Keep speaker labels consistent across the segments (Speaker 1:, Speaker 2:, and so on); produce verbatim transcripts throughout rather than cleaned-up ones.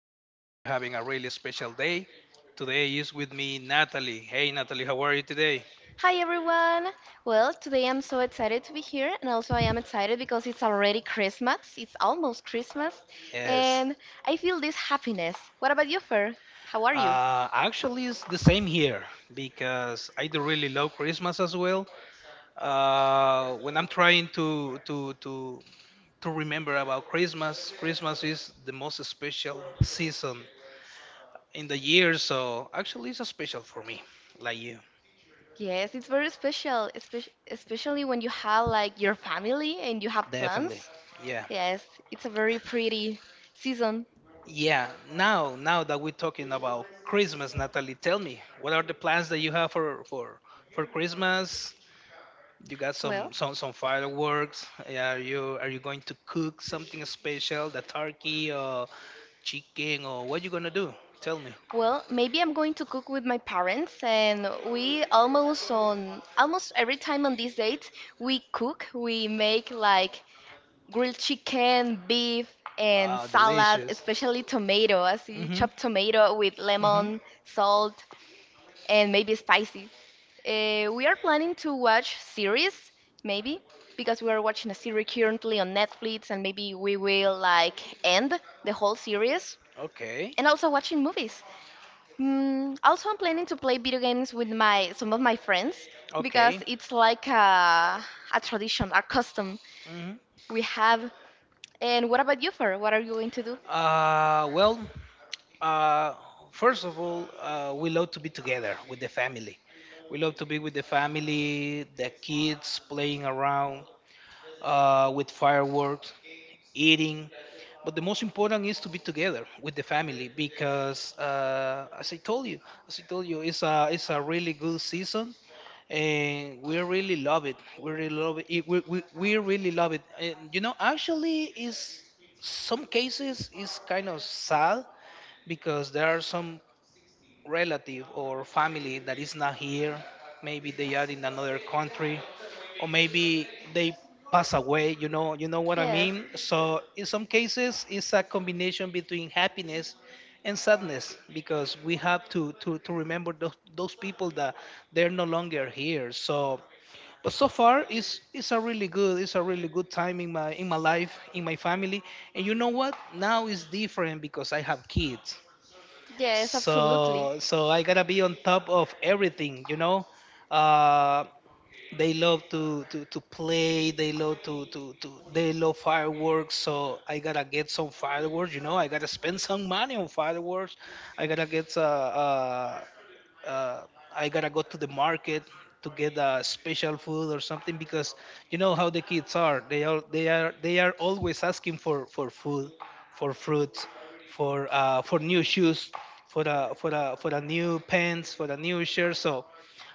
Speaker 1: Today we're having a really special day. Today is with me Natalie. Hey, Natalie, how are you today?
Speaker 2: Hi everyone! Well, today I'm so excited to be here, and also I am excited because it's already Christmas. It's almost Christmas,
Speaker 1: Yes.
Speaker 2: and I feel this happiness. What about you, Fer? How are you?
Speaker 1: Uh, actually, it's the same here because I do really love Christmas as well. Uh, when I'm trying to to to to remember about Christmas, Christmas is the most special season in the year. So actually, it's a special for me, like you,
Speaker 2: Yes, it's very special, espe- especially when you have like your family and you have
Speaker 1: definitely.
Speaker 2: plans.
Speaker 1: Yeah.
Speaker 2: Yes, it's a very pretty season.
Speaker 1: Yeah, now now that we're talking about Christmas, Natalie, tell me, what are the plans that you have for for for Christmas? You got
Speaker 2: Well,
Speaker 1: some some some fireworks. Yeah, Are you are you going to cook something special, the turkey or chicken or what you gonna do? Tell me.
Speaker 2: Well, maybe I'm going to cook with my parents, and we almost on almost every time on these dates we cook. We make like grilled chicken, beef, and
Speaker 1: Ah,
Speaker 2: salad,
Speaker 1: delicious.
Speaker 2: especially tomato. I see
Speaker 1: Mhm.
Speaker 2: chopped tomato with
Speaker 1: Mhm.
Speaker 2: lemon, salt, and maybe spicy. Uh, we are planning to watch series, maybe, because we are watching a series currently on Netflix, and maybe we will like end the whole series,
Speaker 1: Okay.
Speaker 2: and also watching movies. Mm, also, I'm planning to play video games with my some of my friends because
Speaker 1: Okay.
Speaker 2: it's like a, a tradition, a custom
Speaker 1: Mhm.
Speaker 2: we have. And what about you, Fer? What are you going to do?
Speaker 1: Uh, well. Uh, first of all, uh, we love to be together with the family. We love to be with the family, the kids playing around uh, with fireworks, eating. But the most important is to be together with the family because, uh, as I told you, as I told you, it's a it's a really good season, and we really love it. We really love it. It- we, we, we really love it. And you know, actually, is some cases is kind of sad because there are some relative or family that is not here, maybe they are in another country or maybe they pass away, you know, you know what I mean. So in some cases it's a combination between happiness and sadness because we have to to, to remember those, those people that they're no longer here. So, but so far it's it's a really good, it's a really good time in my in my life, in my family. And you know what? Now it's different because I have kids,
Speaker 2: Yes,
Speaker 1: so so I gotta be on top of everything, you know. Uh, they love to, to, to play. They love to, to, to they love fireworks. So I gotta get some fireworks. You know, I gotta spend some money on fireworks. I gotta get uh, uh, uh, I gotta go to the market to get a special food or something because you know how the kids are. They are they are they are always asking for for food, for fruits, for uh, for new shoes, for a for a for a new pants, for a new shirt. So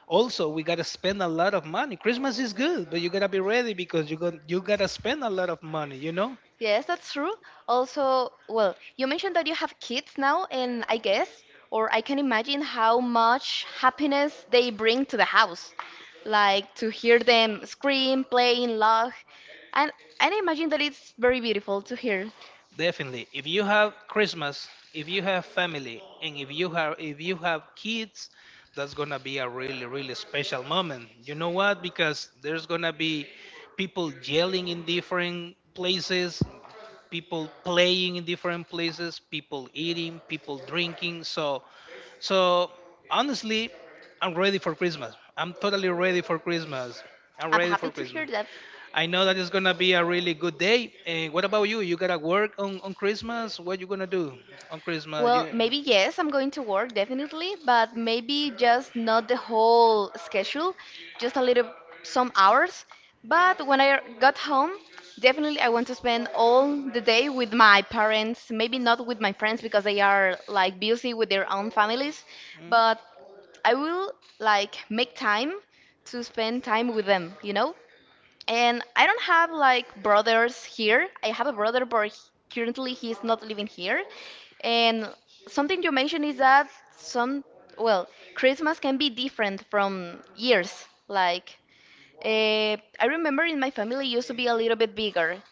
Speaker 1: also we gotta spend a lot of money. Christmas is good, but you gotta be ready because you got you gotta spend a lot of money, you know.
Speaker 2: yes, that's true. Also, well, you mentioned that you have kids now, and I guess, or I can imagine how much happiness they bring to the house. Like to hear them scream, playing, laugh. And, and I imagine that it's very beautiful to hear.
Speaker 1: Definitely. If you have Christmas, if you have family, and if you have if you have kids, that's gonna be a really, really special moment. You know what? Because there's gonna be people yelling in different places, people playing in different places, people eating, people drinking. So, so honestly, I'm ready for Christmas. I'm totally ready for Christmas. I'm
Speaker 2: I'm
Speaker 1: ready
Speaker 2: happy
Speaker 1: for
Speaker 2: to hear
Speaker 1: Christmas.
Speaker 2: that.
Speaker 1: I know that it's gonna be a really good day. And what about you? You gotta work on, on Christmas? What you gonna do on Christmas?
Speaker 2: Well,
Speaker 1: You,
Speaker 2: maybe yes, I'm going to work definitely, but maybe just not the whole schedule, just a little some hours. But when I got home, definitely I want to spend all the day with my parents, maybe not with my friends because they are like busy with their own families,
Speaker 1: hmm?
Speaker 2: but I will like make time to spend time with them, you know? And I don't have like brothers here. I have a brother, but he- currently he's not living here. And something you mentioned is that some, well, Christmas can be different from years. Like, uh, I remember in my family it used to be a little bit bigger.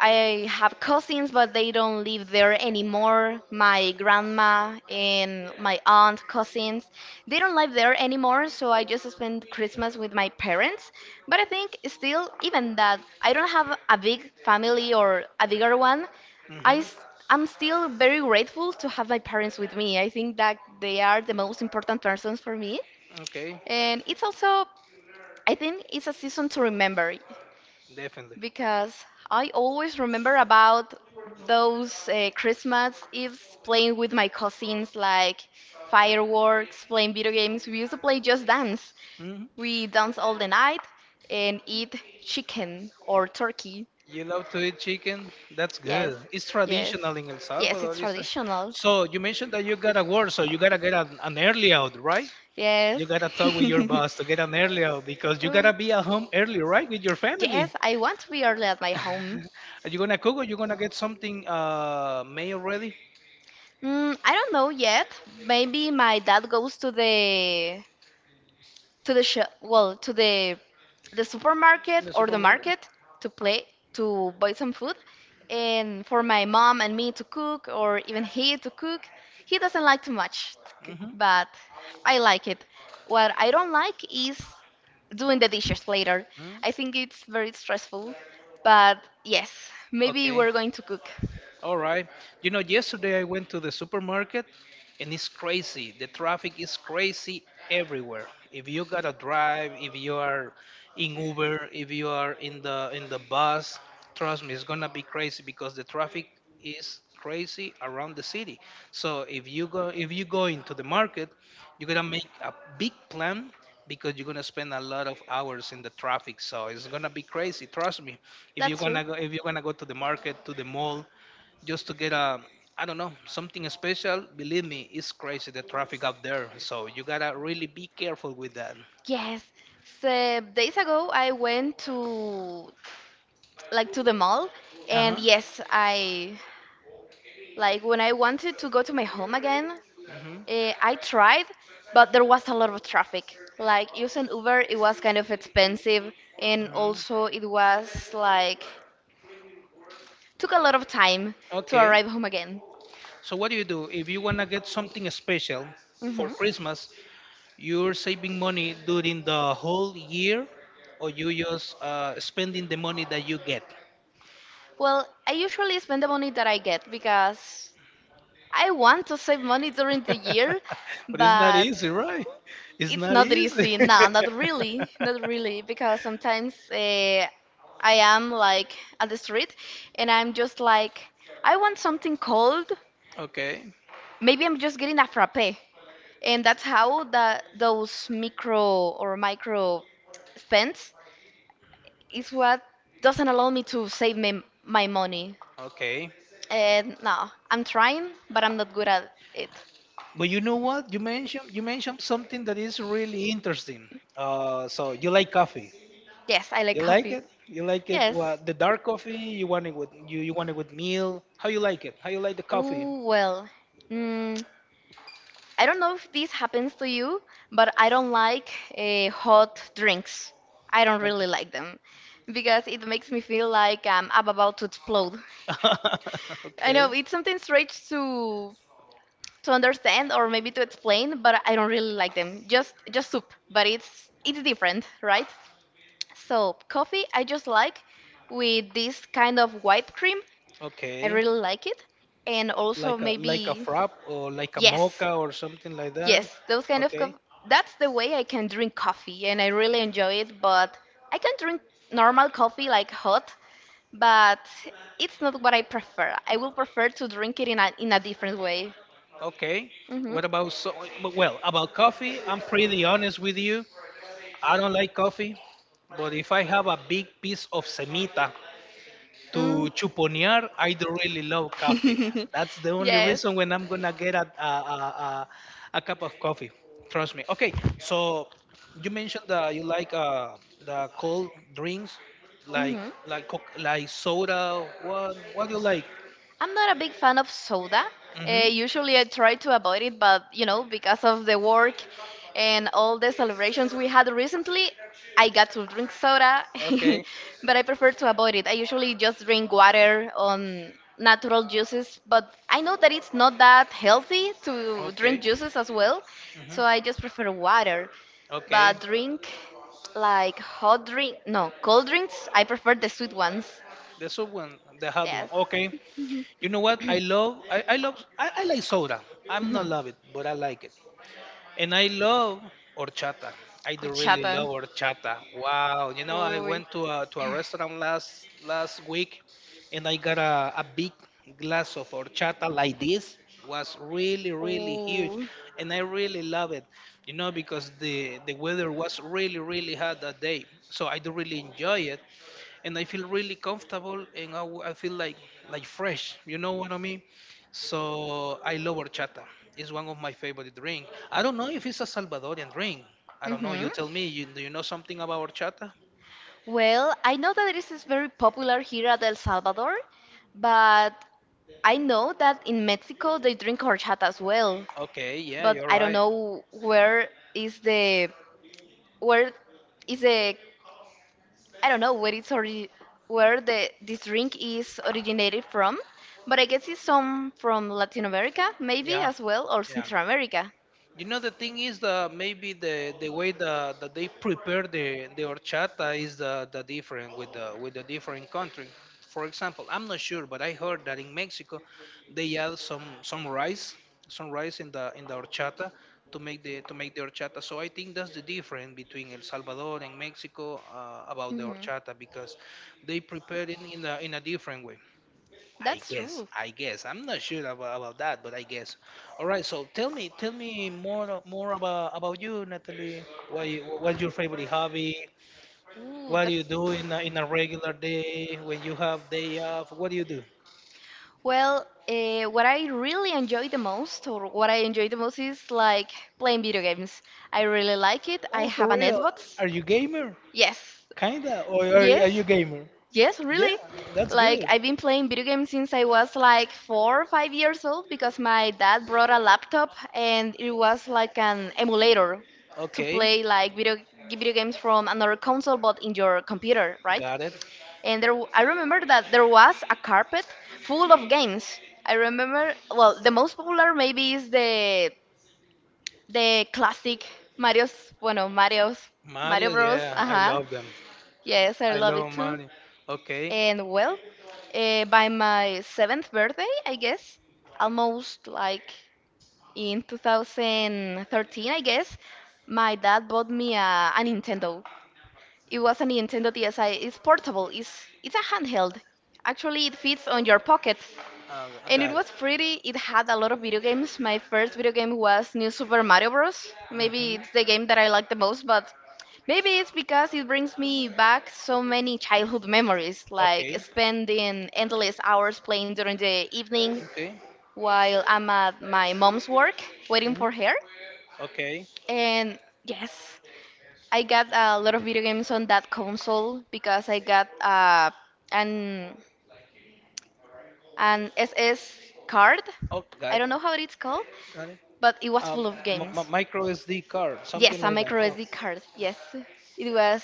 Speaker 2: I have cousins, but they don't live there anymore. My grandma and my aunt cousins, they don't live there anymore, so I just spend Christmas with my parents. But I think still, even that I don't have a big family or a bigger one, I
Speaker 1: Mm-hmm.
Speaker 2: s- I'm still very grateful to have my parents with me. I think that they are the most important persons for me.
Speaker 1: Okay,
Speaker 2: And it's also, I think it's a season to remember.
Speaker 1: definitely.
Speaker 2: Because I always remember about those uh, Christmas Eves playing with my cousins, like fireworks, playing video games. We used to play just dance.
Speaker 1: Hmm.
Speaker 2: We dance all the night and eat chicken or turkey.
Speaker 1: You love to eat chicken? That's good.
Speaker 2: Yes,
Speaker 1: It's
Speaker 2: yes,
Speaker 1: traditional in El
Speaker 2: yes,
Speaker 1: Salvador.
Speaker 2: it's
Speaker 1: Is it?
Speaker 2: traditional.
Speaker 1: So you mentioned that you gotta work, so you gotta get an, an early out, right?
Speaker 2: Yes.
Speaker 1: You gotta talk with your boss to get an early out because you
Speaker 2: Oh,
Speaker 1: gotta be at home early, right, with your family.
Speaker 2: yes, I want to be early at my home.
Speaker 1: Are you gonna cook or you gonna get something uh made already
Speaker 2: Mm, I don't know yet. Maybe my dad goes to the to the shop, well, to the the supermarket
Speaker 1: in the
Speaker 2: or the
Speaker 1: supermarket?
Speaker 2: market to play to buy some food, and for my mom and me to cook or even he to cook. He doesn't like too much to cook,
Speaker 1: Mm-hmm.
Speaker 2: but I like it. What I don't like is doing the dishes later. I
Speaker 1: Mm-hmm.
Speaker 2: think it's very stressful, but yes, maybe
Speaker 1: Okay.
Speaker 2: we're going to cook.
Speaker 1: All right. You know, yesterday I went to the supermarket and it's crazy. The traffic is crazy everywhere. If you got to drive, if you are in Uber, if you are in the in the bus, trust me, it's going to be crazy because the traffic is crazy around the city. So if you go, if you go into the market, you're going to make a big plan because you're going to spend a lot of hours in the traffic. So it's going to be crazy, trust me. If you're
Speaker 2: That's
Speaker 1: going
Speaker 2: true.
Speaker 1: to go, if you're going to go to the market, to the mall, just to get a, I don't know, something special. Believe me, it's crazy the traffic out there. So you gotta really be careful with that.
Speaker 2: Yes. So days ago, I went to like to the mall.
Speaker 1: Uh
Speaker 2: And
Speaker 1: huh.
Speaker 2: yes, I like when I wanted to go to my home again,
Speaker 1: Hmm.
Speaker 2: eh, I tried, but there was a lot of traffic. Like using Uber, it was kind of expensive, and
Speaker 1: Hmm.
Speaker 2: also it was like took a lot of time to
Speaker 1: Okay.
Speaker 2: arrive home again.
Speaker 1: So what do you do if you wanna get something special for
Speaker 2: hmm
Speaker 1: Christmas? You're saving money during the whole year, or you just uh, spending the money that you get?
Speaker 2: Well, I usually spend the money that I get because I want to save money during the year,
Speaker 1: But it's not
Speaker 2: but
Speaker 1: easy, right? It's
Speaker 2: it's
Speaker 1: not
Speaker 2: not
Speaker 1: easy.
Speaker 2: easy, no, not really, not really, because sometimes uh, I am like at the street and I'm just like, I want something cold.
Speaker 1: Okay,
Speaker 2: Maybe I'm just getting a frappe. And that's how that those micro or micro spends is what doesn't allow me to save my, my money.
Speaker 1: okay.
Speaker 2: And no, I'm trying, but I'm not good at it.
Speaker 1: But you know what? You mentioned you mentioned something that is really interesting. Uh, so you like coffee?
Speaker 2: Yes, I like
Speaker 1: You like
Speaker 2: coffee.
Speaker 1: it? You like it?
Speaker 2: Yes.
Speaker 1: What, the dark coffee? You want it with you? You want it with meal? How you like it? How you like the coffee?
Speaker 2: Ooh, well. Mm, I don't know if this happens to you, but I don't like uh, hot drinks. I don't really
Speaker 1: Okay.
Speaker 2: like them because it makes me feel like um, I'm about to explode. I
Speaker 1: Okay,
Speaker 2: know it's something strange to to understand or maybe to explain, but I don't really like them. Just just soup, but it's it's different, right? So coffee I just like with this kind of whipped cream. I
Speaker 1: okay.
Speaker 2: really like it, and also
Speaker 1: Like a like a
Speaker 2: maybe
Speaker 1: frap, or like a
Speaker 2: yes,
Speaker 1: mocha, or something like that.
Speaker 2: yes, those kind of
Speaker 1: Okay,
Speaker 2: cof- that's the way I can drink coffee and I really enjoy it, but I can drink normal coffee like hot, but it's not what I prefer. I will prefer to drink it in a in a different way.
Speaker 1: okay.
Speaker 2: Mhm.
Speaker 1: What about so? Well, about coffee, I'm pretty honest with you. I don't like coffee, but if I have a big piece of semita to
Speaker 2: Mm.
Speaker 1: Chuponear, I do really love coffee. That's the only
Speaker 2: Yes.
Speaker 1: reason when I'm gonna get a, a, a, a, a cup of coffee. Trust me. Okay, so you mentioned that you like uh, the cold drinks, like
Speaker 2: Mhm.
Speaker 1: like Coke- like soda. What what do you like?
Speaker 2: I'm not a big fan of soda. Uh,
Speaker 1: Mm-hmm.
Speaker 2: usually I try to avoid it, but you know, because of the work and all the celebrations we had recently, I got to drink soda,
Speaker 1: Okay.
Speaker 2: but I prefer to avoid it. I usually just drink water on natural juices, but I know that it's not that healthy to drink
Speaker 1: Okay.
Speaker 2: juices as well,
Speaker 1: Mm-hmm.
Speaker 2: so I just prefer water.
Speaker 1: Okay.
Speaker 2: But drink like hot drink, no, cold drinks, I prefer the sweet ones.
Speaker 1: The soft one, the hot one.
Speaker 2: Yes.
Speaker 1: Okay. You know what? I love I, I love I, I like soda. I'm
Speaker 2: Ujú.
Speaker 1: not love it, but I like it. And I love horchata. I do really
Speaker 2: Horchata.
Speaker 1: love horchata. Wow. You know, I
Speaker 2: Uy.
Speaker 1: went to a, to a restaurant last last week and I got a, a big glass of horchata like this. Was really, really huge.
Speaker 2: Ooh.
Speaker 1: And I really love it, you know, because the, the weather was really, really hot that day. So I do really enjoy it and I feel really comfortable, and I, w- I feel like, like fresh. You know what I mean? So I love horchata. It's one of my favorite drink. I don't know if it's a Salvadorian drink. I don't know.
Speaker 2: hmm
Speaker 1: You tell me. You, do you know something about horchata?
Speaker 2: Well, I know that this is very popular here at El Salvador, but I know that in Mexico they drink horchata as well.
Speaker 1: Okay, yeah,
Speaker 2: But
Speaker 1: you're
Speaker 2: I don't
Speaker 1: right.
Speaker 2: know where is the where is the I don't know where it's ori- where the this drink is originated from, but I guess it's some from Latin America, maybe
Speaker 1: Yeah,
Speaker 2: as well, or
Speaker 1: yeah.
Speaker 2: Central America.
Speaker 1: You know, the thing is that maybe the, the way that, that they prepare the, the horchata is the, the different with the with the different country. For example, I'm not sure, but I heard that in Mexico they add some, some rice, some rice in the in the horchata to make the to make the horchata. So I think that's the difference between El Salvador and Mexico uh, about the
Speaker 2: Mhm.
Speaker 1: horchata, because they prepare it in a in a different way. I
Speaker 2: That's
Speaker 1: guess,
Speaker 2: true.
Speaker 1: I guess. I'm not sure about, about that, but I guess. All right, so tell me, tell me more a- more about about you, Natalie. What you, what's your favorite hobby?
Speaker 2: Ooh,
Speaker 1: What do you
Speaker 2: that's
Speaker 1: do in a, in a regular day when you have day off? What do you do?
Speaker 2: well. Uh, what I really enjoy the most, or what I enjoy the most, is like playing video games. I really like it. I
Speaker 1: Oh,
Speaker 2: have
Speaker 1: for
Speaker 2: an
Speaker 1: real?
Speaker 2: Xbox.
Speaker 1: Are you gamer?
Speaker 2: Yes.
Speaker 1: Kinda, or are, are
Speaker 2: Yes.
Speaker 1: you gamer?
Speaker 2: Yes, really.
Speaker 1: Yeah, that's good.
Speaker 2: Like I've been playing video games since I was like four or five years old because my dad brought a laptop and it was like an emulator to
Speaker 1: Okay,
Speaker 2: play like video video games from another console but in your computer, right?
Speaker 1: got it.
Speaker 2: And there w- I remember that there was a carpet full of games. I remember well the most popular maybe is the the classic Mario's bueno Mario's Mario
Speaker 1: Mario,
Speaker 2: Bros.
Speaker 1: yeah, I
Speaker 2: uh
Speaker 1: love them.
Speaker 2: Yes, I
Speaker 1: I
Speaker 2: love
Speaker 1: love
Speaker 2: it too.
Speaker 1: Mario. Okay,
Speaker 2: And well, uh, by my seventh birthday, I guess, almost like in twenty thirteen, I guess, my dad bought me a, a Nintendo. It was a Nintendo DSi. It's portable. It's it's a handheld. Actually, it fits on your pocket.
Speaker 1: uh, I
Speaker 2: And it
Speaker 1: got it.
Speaker 2: was pretty. It had a lot of video games. My first video game was New Super Mario Bros. Maybe
Speaker 1: Mm-hmm.
Speaker 2: it's the game that I like the most, but maybe it's because it brings me back so many childhood memories, like
Speaker 1: Okay.
Speaker 2: spending endless hours playing during the evening
Speaker 1: Okay.
Speaker 2: while I'm at my mom's work waiting
Speaker 1: Hmm.
Speaker 2: for her.
Speaker 1: Okay.
Speaker 2: And yes, I got a lot of video games on that console because I got uh, an an S S card.
Speaker 1: Oh,
Speaker 2: I
Speaker 1: got
Speaker 2: don't
Speaker 1: you.
Speaker 2: know how it's called.
Speaker 1: Got it.
Speaker 2: But it was
Speaker 1: Um,
Speaker 2: full of
Speaker 1: m-
Speaker 2: games.
Speaker 1: m- Micro S D card, something
Speaker 2: Yes, a
Speaker 1: like that.
Speaker 2: micro
Speaker 1: Oh,
Speaker 2: S D card. Yes, it was.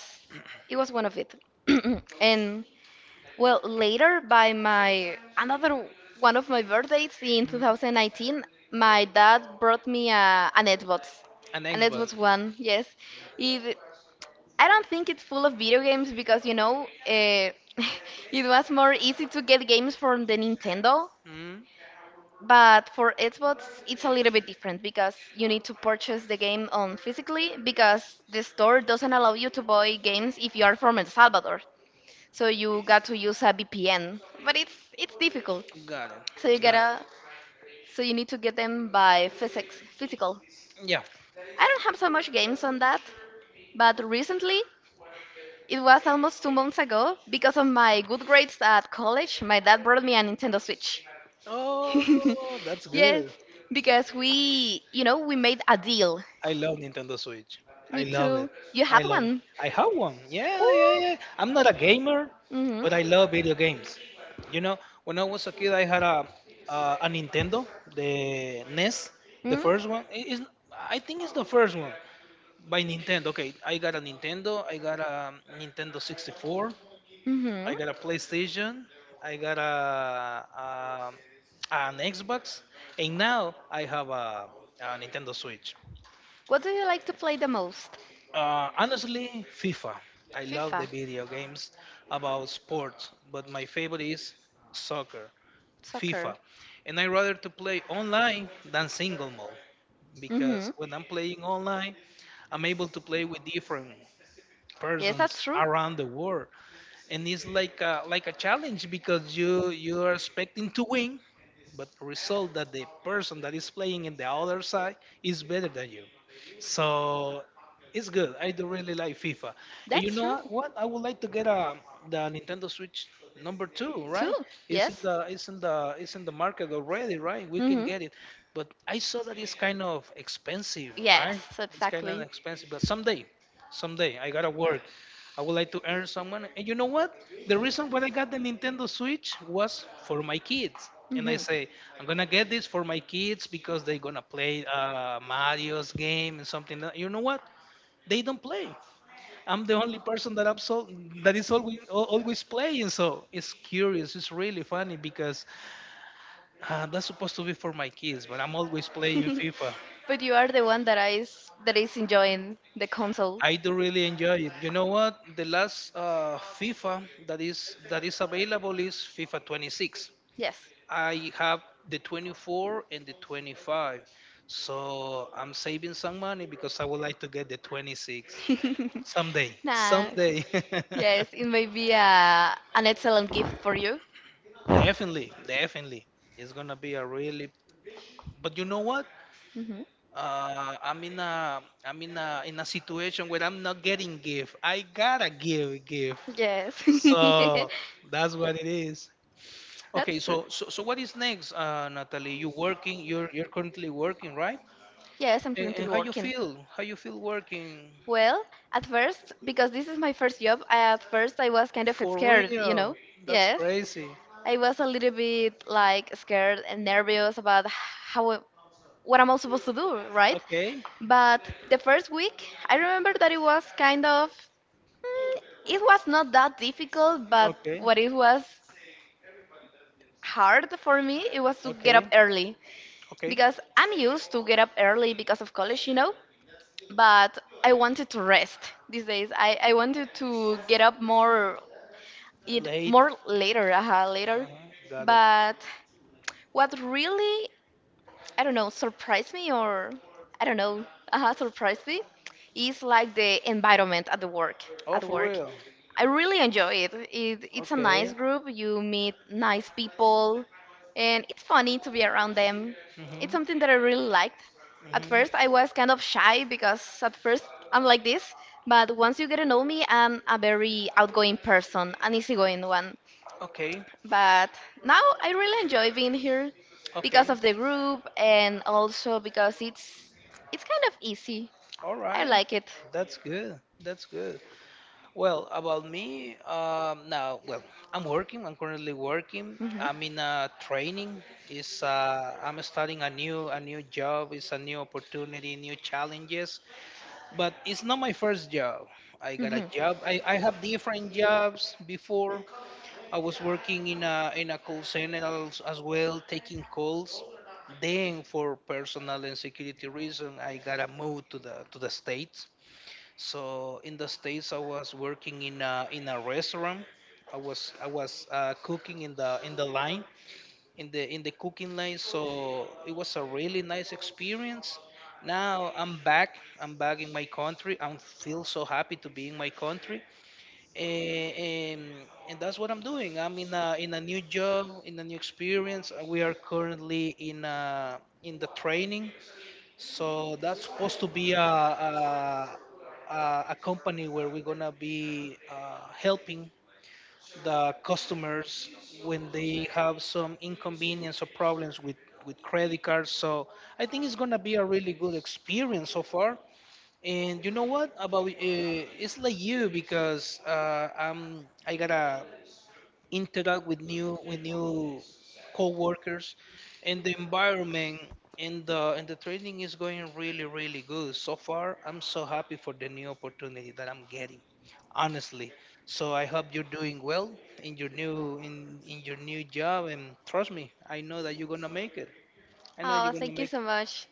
Speaker 2: It was one of it. And well, later by my another one of my birthdays in
Speaker 1: mm.
Speaker 2: two thousand nineteen, my dad brought me a an Xbox,
Speaker 1: An
Speaker 2: an
Speaker 1: Xbox.
Speaker 2: Xbox One. Yes, it. I don't think it's full of video games because you know, uh, it was more easy to get games from the Nintendo.
Speaker 1: Mm.
Speaker 2: But for Xbox, it's a little bit different because you need to purchase the game on physically because the store doesn't allow you to buy games if you are from El Salvador. So you got to use a V P N, but it's it's difficult.
Speaker 1: Got
Speaker 2: So you
Speaker 1: it. Got it.
Speaker 2: gotta so you need to get them by physics physical.
Speaker 1: Yeah.
Speaker 2: I don't have so much games on that, but recently it was almost two months ago because of my good grades at college. My dad brought me a Nintendo Switch.
Speaker 1: Oh, that's
Speaker 2: Yes,
Speaker 1: good.
Speaker 2: because we, you know, we made a deal.
Speaker 1: I love Nintendo Switch.
Speaker 2: Me
Speaker 1: I love
Speaker 2: too.
Speaker 1: it.
Speaker 2: You
Speaker 1: I
Speaker 2: have
Speaker 1: love it.
Speaker 2: one.
Speaker 1: I have one. Yeah,
Speaker 2: Ooh.
Speaker 1: yeah, yeah. I'm not a gamer,
Speaker 2: Mhm.
Speaker 1: but I love video games. You know, when I was a kid, I had a uh, a Nintendo, the ness, the first one. It is, I think it's the first one by Nintendo. Okay, I got a Nintendo. I got a Nintendo sixty-four.
Speaker 2: Mm.
Speaker 1: I got a PlayStation. I got a, a an Xbox, and now I
Speaker 2: Mhm.
Speaker 1: have a, a Nintendo Switch.
Speaker 2: What do you like to play the most?
Speaker 1: Uh, honestly, FIFA. I love the
Speaker 2: FIFA,
Speaker 1: video games about sports, but my favorite is soccer,
Speaker 2: soccer.
Speaker 1: FIFA. And I rather to play online than single mode, because
Speaker 2: Mhm.
Speaker 1: when I'm playing online, I'm able to play with different
Speaker 2: Yes,
Speaker 1: persons
Speaker 2: that's true.
Speaker 1: around the world, and it's like a, like a challenge, because you you are expecting to win, but result that the person that is playing in the other side is better than you. So it's good, I do really like FIFA. And you
Speaker 2: That's
Speaker 1: know
Speaker 2: true.
Speaker 1: what? What? I would like to get a, the Nintendo Switch number two,
Speaker 2: Two.
Speaker 1: right? It's in
Speaker 2: Yes.
Speaker 1: the, it's in the it's in the market already, right? We can
Speaker 2: Mhm.
Speaker 1: get it, but I saw that it's kind of expensive, right?
Speaker 2: Yes,
Speaker 1: It's kind of
Speaker 2: exactly.
Speaker 1: expensive, but someday, someday I gotta work, I would like to earn some money. And you know what? The reason why I got the Nintendo Switch was for my kids. And
Speaker 2: Mhm.
Speaker 1: I say, I'm gonna get this for my kids because they're gonna play uh, Mario's game and something. That, you know what? They don't play. I'm the only person that absol- that is always al- always playing. So it's curious. It's really funny because uh, that's supposed to be for my kids, but I'm always playing FIFA.
Speaker 2: But you are the one that is that is enjoying the console.
Speaker 1: I do really enjoy it. You know what? The last uh, FIFA that is that is available is FIFA twenty-six.
Speaker 2: Yes.
Speaker 1: I have the twenty-four and the twenty-five. So I'm saving some money because I would like to get the twenty-six someday.
Speaker 2: Nah.
Speaker 1: Someday.
Speaker 2: Yes, it may be a, an excellent gift for you.
Speaker 1: Definitely, definitely. It's gonna be a really. But you know what?
Speaker 2: Hmm.
Speaker 1: Uh, I'm in a I'm in a in a situation where I'm not getting gift. I gotta give gift.
Speaker 2: Yes.
Speaker 1: So that's what it is. Okay,
Speaker 2: That's true.
Speaker 1: so so, so what is next, uh, Natalie? You working? You're you're currently working, right?
Speaker 2: Yes, I'm
Speaker 1: And, and
Speaker 2: currently
Speaker 1: how you
Speaker 2: working.
Speaker 1: feel? How you feel working?
Speaker 2: Well, at first, because this is my first job, I- at first I was kind of
Speaker 1: For
Speaker 2: scared, you know?
Speaker 1: real? That's
Speaker 2: Yes.
Speaker 1: crazy.
Speaker 2: I was a little bit like scared and nervous about how what am I supposed to do, right?
Speaker 1: Okay,
Speaker 2: But the first week, I remember that it was kind of mm, it was not that difficult, but
Speaker 1: okay,
Speaker 2: what it was hard for me, it was to get
Speaker 1: okay,
Speaker 2: up early
Speaker 1: okay.
Speaker 2: because I'm used to get up early because of college, you know, but I wanted to rest these days. I, I wanted to get up more eat
Speaker 1: Late.
Speaker 2: more later, uh, later.
Speaker 1: Uh-huh. Got it.
Speaker 2: But what really, I don't know, surprised me or, I don't know, uh, surprised me is like the environment at the work,
Speaker 1: Oh,
Speaker 2: at
Speaker 1: for
Speaker 2: work.
Speaker 1: real?
Speaker 2: I really enjoy it. it. It's a nice
Speaker 1: Okay.
Speaker 2: group. You meet nice people, and it's funny to be around them. It's
Speaker 1: Mm-hmm.
Speaker 2: something that I really liked. At first, I
Speaker 1: Mm-hmm.
Speaker 2: was kind of shy because at first I'm like this, but once you get to know me, I'm a very outgoing person, an easygoing one.
Speaker 1: Okay.
Speaker 2: But now I really enjoy being here because
Speaker 1: Okay.
Speaker 2: of the group and also because it's it's kind of easy.
Speaker 1: All
Speaker 2: I
Speaker 1: right.
Speaker 2: like it.
Speaker 1: That's good. That's good. Well, about me, um, now, well, I'm working. I'm currently working.
Speaker 2: Hmm
Speaker 1: I'm in a training. It's uh, I'm starting a new a new job. It's a new opportunity, new challenges. But it's not my first job. I got a
Speaker 2: hmm
Speaker 1: job. I, I have different jobs before. I was working in a in a call center als- as well, taking calls. Then, for personal and security reason, I gotta move to the to the states. So in the States, I was working in a in a restaurant. I was I was uh, cooking in the in the line in the in the cooking line. So it was a really nice experience. Now I'm back. I'm back in my country. I feel so happy to be in my country, and, and and that's what I'm doing. I'm in a in a new job, in a new experience. Uh, We are currently in a, in the training, so that's supposed to be a a, a, a company where we're gonna be uh, helping the customers when they have some inconvenience or problems with with credit cards. So I think it's gonna be a really good experience so far. And you know what about uh, it's like you because uh, I'm I got a interact with new with new co-workers and the environment and the and the training is going really really good so far. I'm so happy for the new opportunity that I'm getting, honestly. So I hope you're doing well in your new in in your new job, and trust me, I know that you're gonna make it. I know
Speaker 2: Oh,
Speaker 1: you're gonna
Speaker 2: thank you
Speaker 1: make
Speaker 2: so much.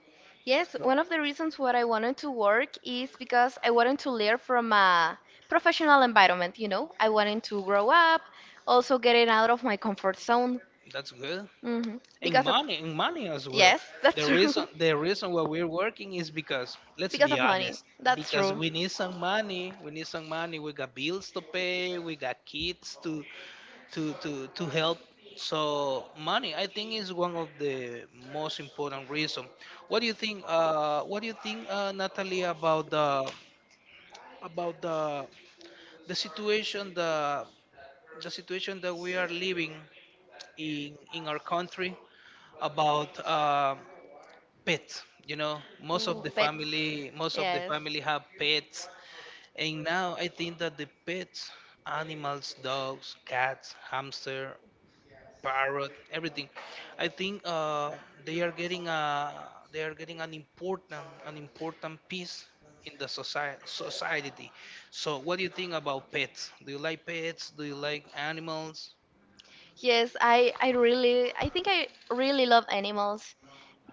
Speaker 1: it.
Speaker 2: Yes, one
Speaker 1: So
Speaker 2: of the reasons why I wanted to work is because I wanted to learn from a professional environment, you know. I wanted to grow up, also getting out of my comfort zone.
Speaker 1: that's good.
Speaker 2: Hmm
Speaker 1: And
Speaker 2: Because of,
Speaker 1: money and money as well.
Speaker 2: yes, that's
Speaker 1: the
Speaker 2: true.
Speaker 1: reason the reason why we're working is because, let's
Speaker 2: because
Speaker 1: be
Speaker 2: of money.
Speaker 1: honest,
Speaker 2: That's
Speaker 1: because
Speaker 2: true.
Speaker 1: we need some money. We need some money. We got bills to pay. We got kids to to to to help. So money, I think, is one of the most important reason. What do you think, uh what do you think, uh, Natalie, about the about the the situation, the the situation that we are living in in our country about um pet? You know, most of
Speaker 2: Ooh,
Speaker 1: the
Speaker 2: pets.
Speaker 1: family, most of the
Speaker 2: Yes.
Speaker 1: family have pets, and now I think that the pets, animals, dogs, cats, hamster, parrot, everything, I think uh, they are getting a they are getting an important an important piece in the society society. So what do you think about pets? Do you like pets? Do you like animals?
Speaker 2: Yes, I, I really, I think I really love animals.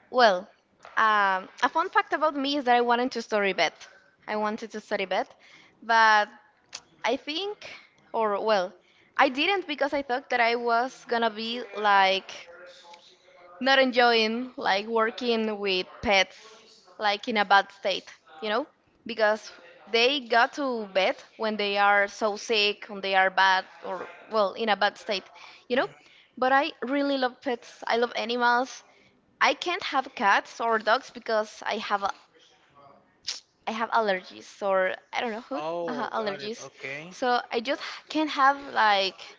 Speaker 2: Well, um, a fun fact about me is that I wanted to study vet. I wanted to study vet, but I think, or well, I didn't because I thought that I was gonna be like not enjoying like working with pets like in a bad state, you know? Because they got to bed when they are so sick, when they are bad or well, in a bad state, you know? But I really love pets. I love animals. I can't have cats or dogs because I have a, I have allergies or I don't know who uh
Speaker 1: Oh, got it.
Speaker 2: allergies.
Speaker 1: Okay,
Speaker 2: So I just can't have like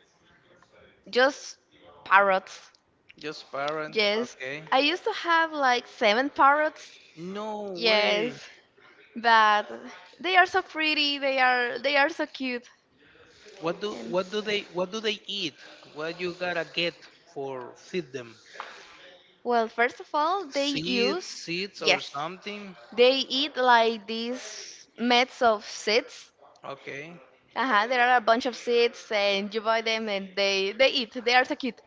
Speaker 2: just parrots.
Speaker 1: just parrot.
Speaker 2: Yes,
Speaker 1: Okay,
Speaker 2: I used to have like seven parrots,
Speaker 1: no way.
Speaker 2: yes, but they are so pretty. They are they are so cute.
Speaker 1: What do
Speaker 2: And
Speaker 1: what do they what do they eat? What you gotta get for feed them?
Speaker 2: well, first of all, they
Speaker 1: Seeds,
Speaker 2: use
Speaker 1: seeds or
Speaker 2: yes,
Speaker 1: something?
Speaker 2: they eat like these mats of seeds.
Speaker 1: Okay,
Speaker 2: Uh-huh, there are a bunch of seeds, and you buy them, and they they eat. They are so cute.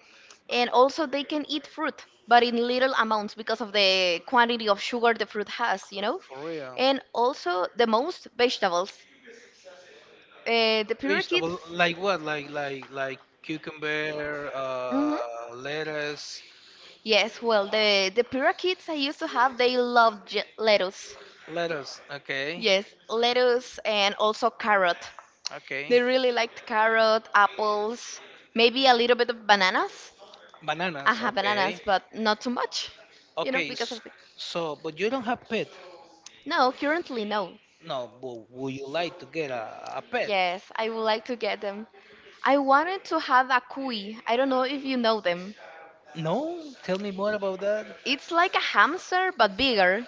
Speaker 2: And also, they can eat fruit, but in little amounts because of the quantity of sugar the fruit has, you know.
Speaker 1: for real.
Speaker 2: And also, the most vegetables. Uh, the
Speaker 1: Vegetable
Speaker 2: parakeets.
Speaker 1: like what? Like like like cucumber,
Speaker 2: Mm-hmm.
Speaker 1: uh, lettuce,
Speaker 2: Yes, well, the the Pura kids I used to have, they loved j lettuce.
Speaker 1: lettuce. Okay,
Speaker 2: Yes, lettuce and also carrot.
Speaker 1: okay.
Speaker 2: They really liked carrot, apples, maybe a little bit of bananas. I
Speaker 1: Bananas.
Speaker 2: have
Speaker 1: Okay,
Speaker 2: bananas, but not too much, you know,
Speaker 1: okay.
Speaker 2: because
Speaker 1: s-
Speaker 2: of the
Speaker 1: So, but you don't have pet.
Speaker 2: no, currently no.
Speaker 1: No, but would you like to get a, a pet?
Speaker 2: Yes, I would like to get them. I wanted to have a cuy. I don't know if you know them.
Speaker 1: No. Tell me more about that.
Speaker 2: It's like a hamster but bigger.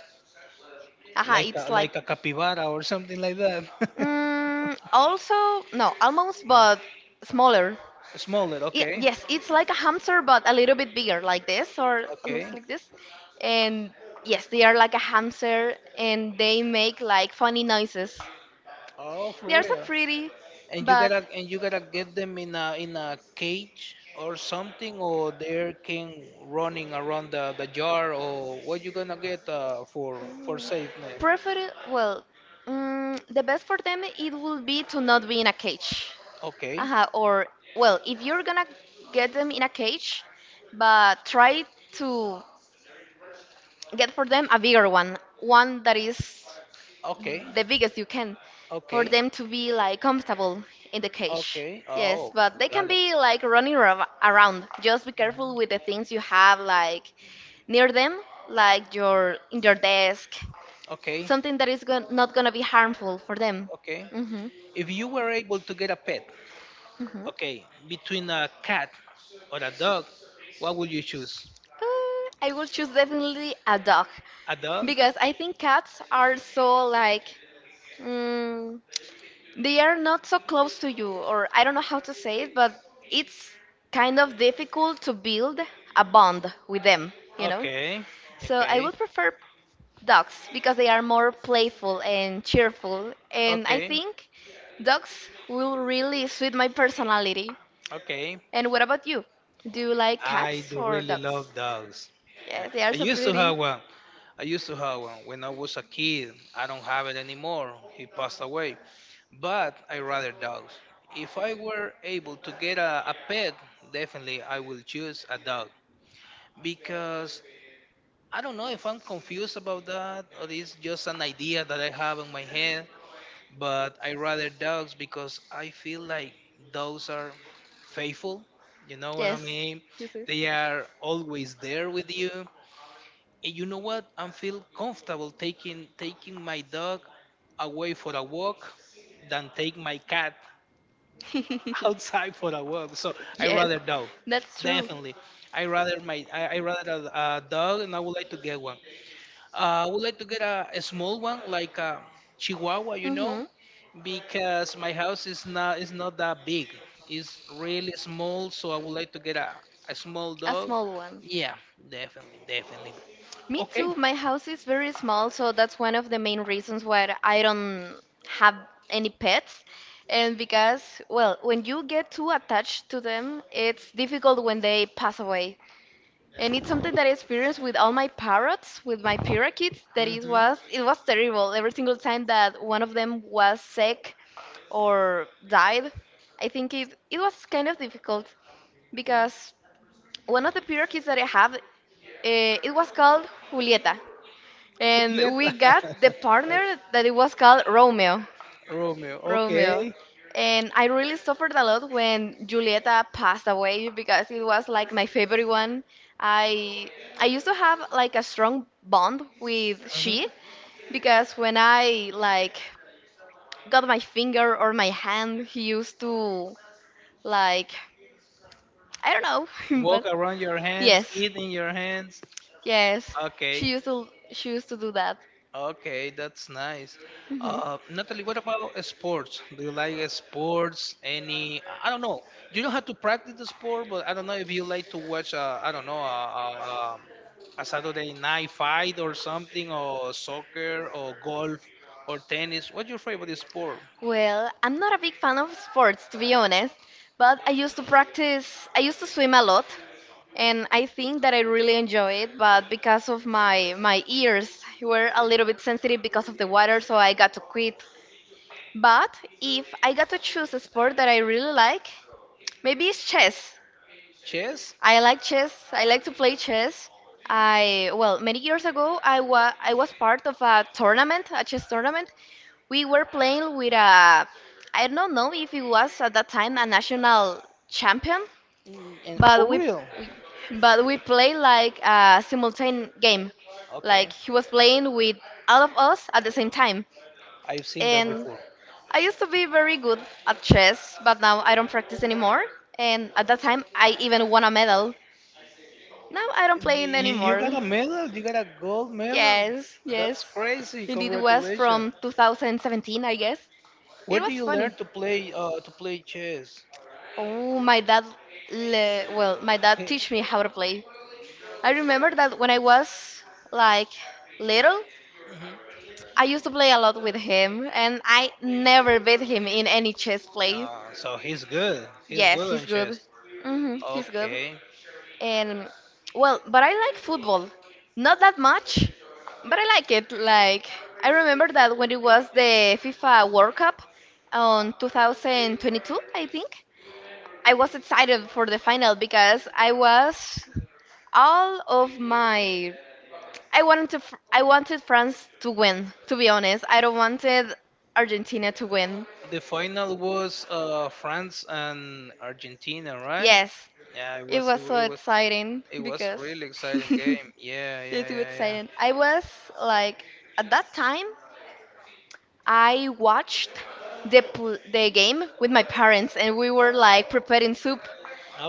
Speaker 2: Aha,
Speaker 1: Like
Speaker 2: it's
Speaker 1: a,
Speaker 2: like
Speaker 1: like a capybara or something like that.
Speaker 2: mm, also no, almost
Speaker 1: No,
Speaker 2: but smaller.
Speaker 1: smaller.
Speaker 2: Y-
Speaker 1: Okay,
Speaker 2: yes, it's like a hamster, but a little bit bigger, like this, or
Speaker 1: okay.
Speaker 2: almost like this. And yes, they are like a hamster, and they make like funny noises.
Speaker 1: Oh, for
Speaker 2: They are so
Speaker 1: real.
Speaker 2: pretty,
Speaker 1: And you
Speaker 2: but
Speaker 1: gotta and you gotta get them in a in a cage or something, or they can running around the, the jar, or what you gonna get uh, for for safeness.
Speaker 2: prefer well, mm, the best for them it would be to not be in a cage.
Speaker 1: Okay,
Speaker 2: Uh-huh, or well, if you're gonna get them in a cage, but try to get for them a bigger one, one that is
Speaker 1: okay,
Speaker 2: the biggest you can for
Speaker 1: okay,
Speaker 2: them to be like comfortable in the cage.
Speaker 1: okay.
Speaker 2: Yes,
Speaker 1: Oh,
Speaker 2: but they can
Speaker 1: got it.
Speaker 2: be like running ra- around. Just be
Speaker 1: Mhm.
Speaker 2: careful with the things you have like near them, like your in your desk,
Speaker 1: Okay,
Speaker 2: something that is gon- not gonna be harmful for them.
Speaker 1: okay.
Speaker 2: Hmm
Speaker 1: If you were able to get a pet,
Speaker 2: hmm
Speaker 1: okay, between a cat or a dog, what would you choose?
Speaker 2: Uh, I will choose definitely a dog
Speaker 1: A dog?
Speaker 2: because I think cats are so like. Mm, they are not so close to you, or I don't know how to say it, but it's kind of difficult to build a bond with them, you know?
Speaker 1: Okay,
Speaker 2: So I
Speaker 1: okay,
Speaker 2: would prefer dogs because they are more playful and cheerful, and I
Speaker 1: okay,
Speaker 2: think dogs will really suit my personality.
Speaker 1: okay.
Speaker 2: And what about you? Do you like
Speaker 1: I
Speaker 2: cats
Speaker 1: do
Speaker 2: or
Speaker 1: really
Speaker 2: dogs?
Speaker 1: love dogs. Yeah.
Speaker 2: Yes, they are
Speaker 1: I
Speaker 2: so
Speaker 1: used to
Speaker 2: pretty.
Speaker 1: have one. I used to have one when I was a kid. I don't have it anymore. He passed away. But I rather dogs. If I were able to get a, a pet, definitely I will choose a dog because I don't know if I'm confused about that or it's just an idea that I have in my head, but I rather dogs because I feel like dogs are faithful. You know what I
Speaker 2: Yes.
Speaker 1: mean?
Speaker 2: Yes, yes.
Speaker 1: They are always there with you. And you know what? I feel comfortable taking taking my dog away for a walk than take my cat outside for a walk. So I
Speaker 2: Yes,
Speaker 1: rather dog.
Speaker 2: that's true.
Speaker 1: Definitely. I rather my I, I rather a, a dog, and I would like to get one. Uh, I would like to get a, a small one, like a Chihuahua, you know,
Speaker 2: Mm-hmm.
Speaker 1: because my house is not is not that big. It's really small, so I would like to get a, a small
Speaker 2: A
Speaker 1: dog.
Speaker 2: small one.
Speaker 1: Yeah, definitely, definitely.
Speaker 2: Me
Speaker 1: Okay.
Speaker 2: too. My house is very small, so that's one of the main reasons why I don't have any pets. And because, well, when you get too attached to them, it's difficult when they pass away. And it's something that I experienced with all my parrots, with my parakeets, that it
Speaker 1: Mm-hmm.
Speaker 2: was it was terrible. Every single time that one of them was sick or died, I think it it was kind of difficult because one of the parakeets that I have, eh, it was called Julieta
Speaker 1: Juliet,
Speaker 2: and we got the partner that it was called Romeo.
Speaker 1: Romeo.
Speaker 2: Romeo.
Speaker 1: Okay.
Speaker 2: And I really suffered a lot when Julieta passed away because it was like my favorite one. I I used to have like a strong bond with
Speaker 1: Hmm.
Speaker 2: she because when I like got my finger or my hand, he used to like I don't know,
Speaker 1: Walk
Speaker 2: but
Speaker 1: around your hands,
Speaker 2: yes,
Speaker 1: eat in your hands.
Speaker 2: yes, she
Speaker 1: Okay.
Speaker 2: used to she used to do that.
Speaker 1: Okay, that's nice.
Speaker 2: Hmm
Speaker 1: Uh, Natalie, what about uh, sports? Do you like uh, sports? Any? I I don't know. You don't have to practice the sport, but I don't know if you like to watch. Uh, I don't know. Uh, uh, uh, a Saturday night fight or something, or soccer, or golf, or tennis. What's your favorite sport?
Speaker 2: Well, I'm not a big fan of sports to be honest, but I used to practice, I used to swim a lot, and I think that I really enjoy it, but because of my my ears were a little bit sensitive because of the water, so I got to quit. But if I got to choose a sport that I really like, maybe it's chess.
Speaker 1: Chess?
Speaker 2: I like chess. I like to play chess. I well, many years ago, I was I was part of a tournament, a chess tournament. We were playing with a I don't know if it was at that time a national champion,
Speaker 1: Mm, And
Speaker 2: but
Speaker 1: for
Speaker 2: we,
Speaker 1: real?
Speaker 2: we but we played like a simultaneous game. Like
Speaker 1: Okay,
Speaker 2: he was playing with all of us at the same time.
Speaker 1: I've seen that
Speaker 2: And
Speaker 1: before.
Speaker 2: I used to be very good at chess, but now I don't practice anymore. And at that time, I even won a medal no, I don't
Speaker 1: You,
Speaker 2: play it
Speaker 1: you you got
Speaker 2: anymore.
Speaker 1: a medal. You got a gold medal.
Speaker 2: Yes,
Speaker 1: That's
Speaker 2: yes.
Speaker 1: crazy.
Speaker 2: And it was
Speaker 1: Congratulations.
Speaker 2: from two thousand seventeen, I guess.
Speaker 1: Where
Speaker 2: It
Speaker 1: do
Speaker 2: was
Speaker 1: you
Speaker 2: funny.
Speaker 1: learn to play uh, to play chess?
Speaker 2: Oh, my dad, le well, my dad
Speaker 1: He-
Speaker 2: teach me how to play. I remember that when I was like little,
Speaker 1: Mhm.
Speaker 2: I used to play a lot with him, and I never beat him in any chess play.
Speaker 1: Uh, so he's good. He's
Speaker 2: Yes,
Speaker 1: good
Speaker 2: he's
Speaker 1: on
Speaker 2: good.
Speaker 1: chess.
Speaker 2: Hmm he's good.
Speaker 1: Okay.
Speaker 2: And well, but I like football. Not that much, but I like it. Like I remember that when it was the FIFA World Cup on twenty twenty-two, I think. I was excited for the final because I was all of my I wanted to fr- I wanted France to win, to be honest. I don't wanted Argentina to win.
Speaker 1: The final was uh, France and Argentina, right?
Speaker 2: Yes,
Speaker 1: Yeah, it
Speaker 2: it
Speaker 1: was.
Speaker 2: was
Speaker 1: It, wa-
Speaker 2: so
Speaker 1: it was.
Speaker 2: exciting
Speaker 1: It was
Speaker 2: because
Speaker 1: really exciting game. Yeah,
Speaker 2: yes,
Speaker 1: yeah,
Speaker 2: it was
Speaker 1: yeah, yeah.
Speaker 2: exciting. I was like, at that time, I watched the pl the game with my parents, and we were like preparing soup.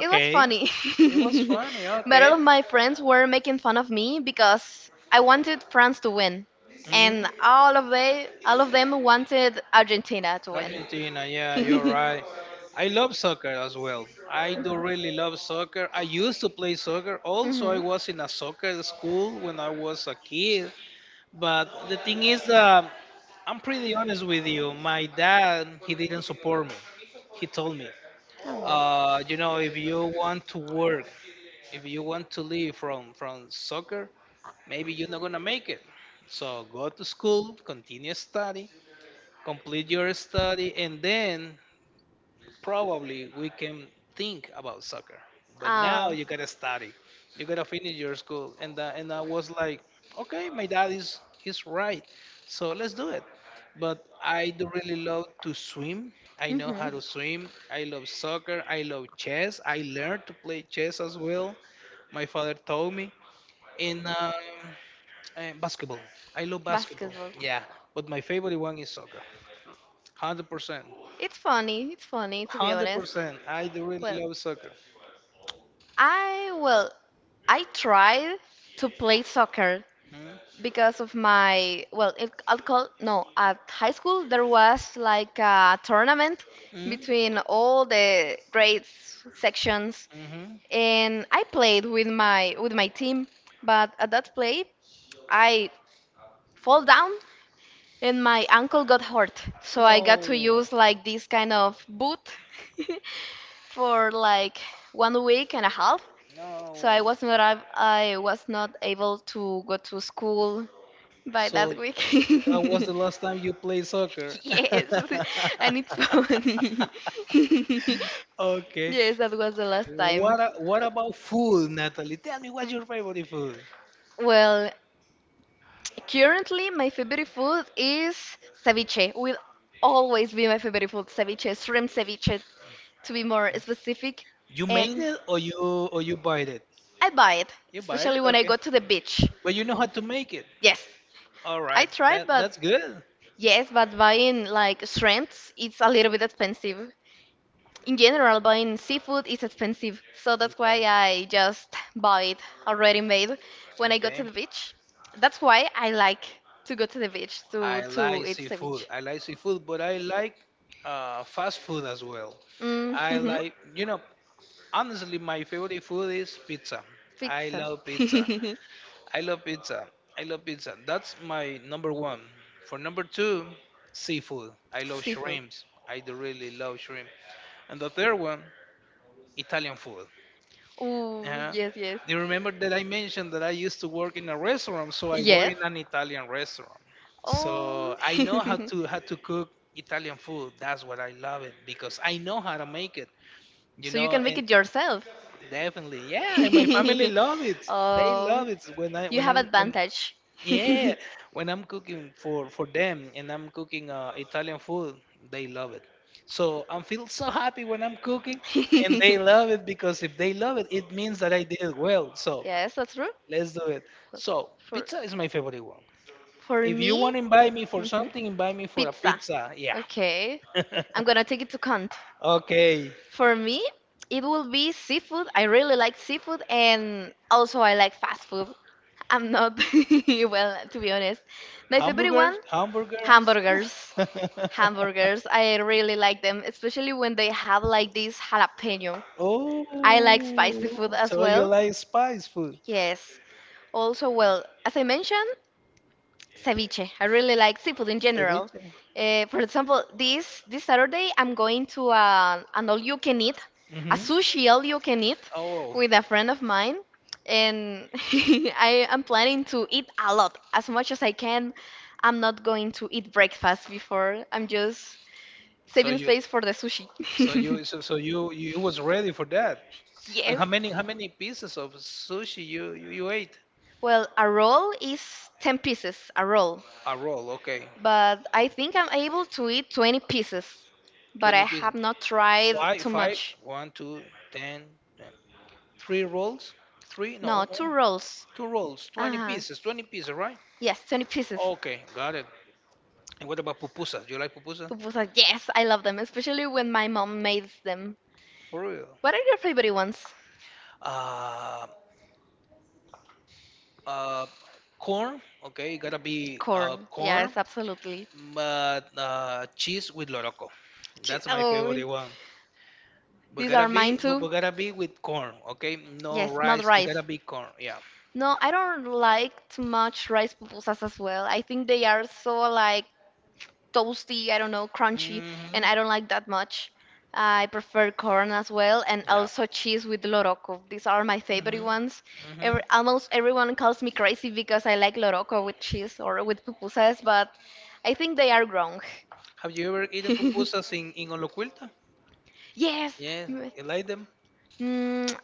Speaker 2: It was funny,
Speaker 1: It was funny.
Speaker 2: but all
Speaker 1: Okay.
Speaker 2: of my friends were making fun of me because I wanted France to win,
Speaker 1: Mm-hmm.
Speaker 2: and all of they all of them wanted Argentina to win.
Speaker 1: Argentina, yeah, you're right. I love soccer as well. I do
Speaker 2: Mhm.
Speaker 1: really love soccer. I used to play soccer. Also, I
Speaker 2: Mhm.
Speaker 1: was in a soccer school when I was a kid. But the thing is, um, I'm pretty honest with you. My dad, he didn't support me. He told me,
Speaker 2: Oh. Well.
Speaker 1: uh, you know, if you want to work, if you want to live from from soccer, maybe you're not gonna make it. So go to school, continue study, complete your study, and then probably we can think about soccer. But now
Speaker 2: Ah,
Speaker 1: you gotta study, you gotta finish your school, and uh, and I was like, okay, my dad is is right, so let's do it. But I do really love to swim. I know
Speaker 2: mhm.
Speaker 1: how to swim. I love soccer. I love chess. I learned to play chess as well. My father told me in um, uh, basketball. I love basketball.
Speaker 2: Basketball.
Speaker 1: Yeah, but my favorite one is soccer. one hundred percent,
Speaker 2: It's funny. It's funny to be honest.
Speaker 1: one hundred percent. I do really
Speaker 2: Well,
Speaker 1: love soccer.
Speaker 2: I well, I tried to play soccer
Speaker 1: Hmm?
Speaker 2: because of my well if alcohol no at high school there was like a tournament
Speaker 1: Mm?
Speaker 2: between all the grades sections
Speaker 1: Hmm.
Speaker 2: and I played with my with my team but at that play I fall down and my ankle got hurt so I got to
Speaker 1: No,
Speaker 2: use like this kind of boot for like one week and a half so
Speaker 1: no.
Speaker 2: I was not ab- I was not able to go to school by that
Speaker 1: So
Speaker 2: week.
Speaker 1: that was the last time you played soccer.
Speaker 2: yes, and it's funny.
Speaker 1: Okay.
Speaker 2: yes, that was the last time.
Speaker 1: What a- what about food, Natalie? Tell me, what's your favorite food?
Speaker 2: Well, currently my favorite food is ceviche. Will always be my favorite food, ceviche, shrimp ceviche, to be more specific.
Speaker 1: You made
Speaker 2: And
Speaker 1: it or you or you buy it?
Speaker 2: I buy it,
Speaker 1: You buy it?
Speaker 2: especially when I
Speaker 1: Okay.
Speaker 2: go to the beach.
Speaker 1: But you know how to make it.
Speaker 2: Yes.
Speaker 1: All
Speaker 2: I
Speaker 1: right.
Speaker 2: tried,
Speaker 1: That
Speaker 2: but
Speaker 1: that's good.
Speaker 2: yes, but buying like shrimps, it's a little bit expensive. In general, buying seafood is expensive, so that's
Speaker 1: Okay.
Speaker 2: why I just buy it already made when I go to
Speaker 1: Okay.
Speaker 2: the beach. That's why I like to go to the beach
Speaker 1: I
Speaker 2: to to
Speaker 1: like
Speaker 2: eat
Speaker 1: seafood.
Speaker 2: ceviche.
Speaker 1: I like seafood, but I like uh, fast food as well. I
Speaker 2: Mm-hmm.
Speaker 1: like, you know, honestly, my favorite food is pizza. I
Speaker 2: Pizza.
Speaker 1: love pizza. I love pizza. I love pizza. That's my number one. For number two, seafood. I love
Speaker 2: Seafood.
Speaker 1: shrimps. I do really love shrimp. And the third one, Italian food.
Speaker 2: Oh,
Speaker 1: Uh,
Speaker 2: yes, yes.
Speaker 1: you remember that I mentioned that I used to work in a restaurant? So I work
Speaker 2: Yes.
Speaker 1: in an Italian restaurant. So
Speaker 2: Oh.
Speaker 1: I know how to how to cook Italian food. That's what I love it because I know how to make it. You
Speaker 2: So you
Speaker 1: know,
Speaker 2: can make
Speaker 1: and
Speaker 2: it yourself.
Speaker 1: definitely, yeah. And my family love it. They
Speaker 2: Oh,
Speaker 1: love it when I
Speaker 2: you
Speaker 1: when
Speaker 2: have
Speaker 1: I'm when
Speaker 2: advantage.
Speaker 1: yeah, when I'm cooking for for them and I'm cooking uh, Italian food. They love it. So I feel so happy when I'm cooking, and they love it because if they love it, it means that I did it well. So
Speaker 2: Yes, that's true.
Speaker 1: let's do it. So,
Speaker 2: For
Speaker 1: pizza is my favorite one.
Speaker 2: for
Speaker 1: If you
Speaker 2: me,
Speaker 1: want to invite me for
Speaker 2: mhm.
Speaker 1: something, invite me for a
Speaker 2: Pizza.
Speaker 1: pizza. Yeah.
Speaker 2: Okay. I'm gonna take it to count.
Speaker 1: Okay.
Speaker 2: For me, it will be seafood. I really like seafood, and also I like fast food. I'm not well, to be honest. My favorite one,
Speaker 1: Hamburgers, hamburgers.
Speaker 2: hamburgers. Hamburgers, I really like them, especially when they have like this jalapeno.
Speaker 1: Oh,
Speaker 2: I like spicy food as
Speaker 1: so you
Speaker 2: well.
Speaker 1: like spice food?
Speaker 2: Yes. Also, well, as I mentioned. Ceviche. I really like seafood in general.
Speaker 1: Ceviche.
Speaker 2: Uh, for example, this this Saturday I'm going to uh, an all you can eat, a
Speaker 1: Hmm.
Speaker 2: sushi all you can eat,
Speaker 1: Oh,
Speaker 2: with a friend of mine, and I am planning to eat a lot, as much as I can. I'm not going to eat breakfast before. I'm just
Speaker 1: so
Speaker 2: saving
Speaker 1: you,
Speaker 2: space for the sushi.
Speaker 1: so you, so, so you, you was ready for that. And
Speaker 2: yes.
Speaker 1: how many, how many pieces of sushi you, you, you ate?
Speaker 2: Well, a roll is ten pieces, a roll.
Speaker 1: A roll, okay.
Speaker 2: But I think I'm able to eat twenty pieces, but
Speaker 1: twenty
Speaker 2: I
Speaker 1: pieces.
Speaker 2: have not tried
Speaker 1: Five,
Speaker 2: too
Speaker 1: five,
Speaker 2: much.
Speaker 1: one, two, ten, ten. Three rolls? Three?
Speaker 2: No,
Speaker 1: No,
Speaker 2: two
Speaker 1: no,
Speaker 2: rolls.
Speaker 1: two rolls, twenty
Speaker 2: Ah,
Speaker 1: pieces, twenty pieces, right?
Speaker 2: yes, twenty pieces.
Speaker 1: Okay, got it. And what about pupusas? Do you like pupusas?
Speaker 2: Pupusas, yes, I love them, especially when my mom makes them.
Speaker 1: For real?
Speaker 2: What are your favorite ones?
Speaker 1: Uh, uh, corn, okay, gotta be uh,
Speaker 2: Corn.
Speaker 1: corn,
Speaker 2: Yes, absolutely.
Speaker 1: but uh, cheese with loroco.
Speaker 2: Chi-
Speaker 1: That's my
Speaker 2: Oh,
Speaker 1: favorite one. But
Speaker 2: these
Speaker 1: gotta
Speaker 2: are mine
Speaker 1: be, but,
Speaker 2: too.
Speaker 1: but gotta be with corn, okay? No
Speaker 2: Yes, not
Speaker 1: rice, it gotta
Speaker 2: rice.
Speaker 1: be corn, yeah.
Speaker 2: No, I don't like too much rice pupusas as well. I think they are so like toasty, I don't know, crunchy,
Speaker 1: Mm-hmm.
Speaker 2: and I don't like that much. I prefer corn as well, and
Speaker 1: Yeah.
Speaker 2: also cheese with loroco. These are my favorite ones.
Speaker 1: Hmm. Hmm.
Speaker 2: Every, almost everyone calls me crazy because I like loroco with cheese or with pupusas, but I think they are wrong.
Speaker 1: Have you ever eaten pupusas in, in Olocuilta?
Speaker 2: Yes.
Speaker 1: Yes,
Speaker 2: m-
Speaker 1: you like them?
Speaker 2: Mm,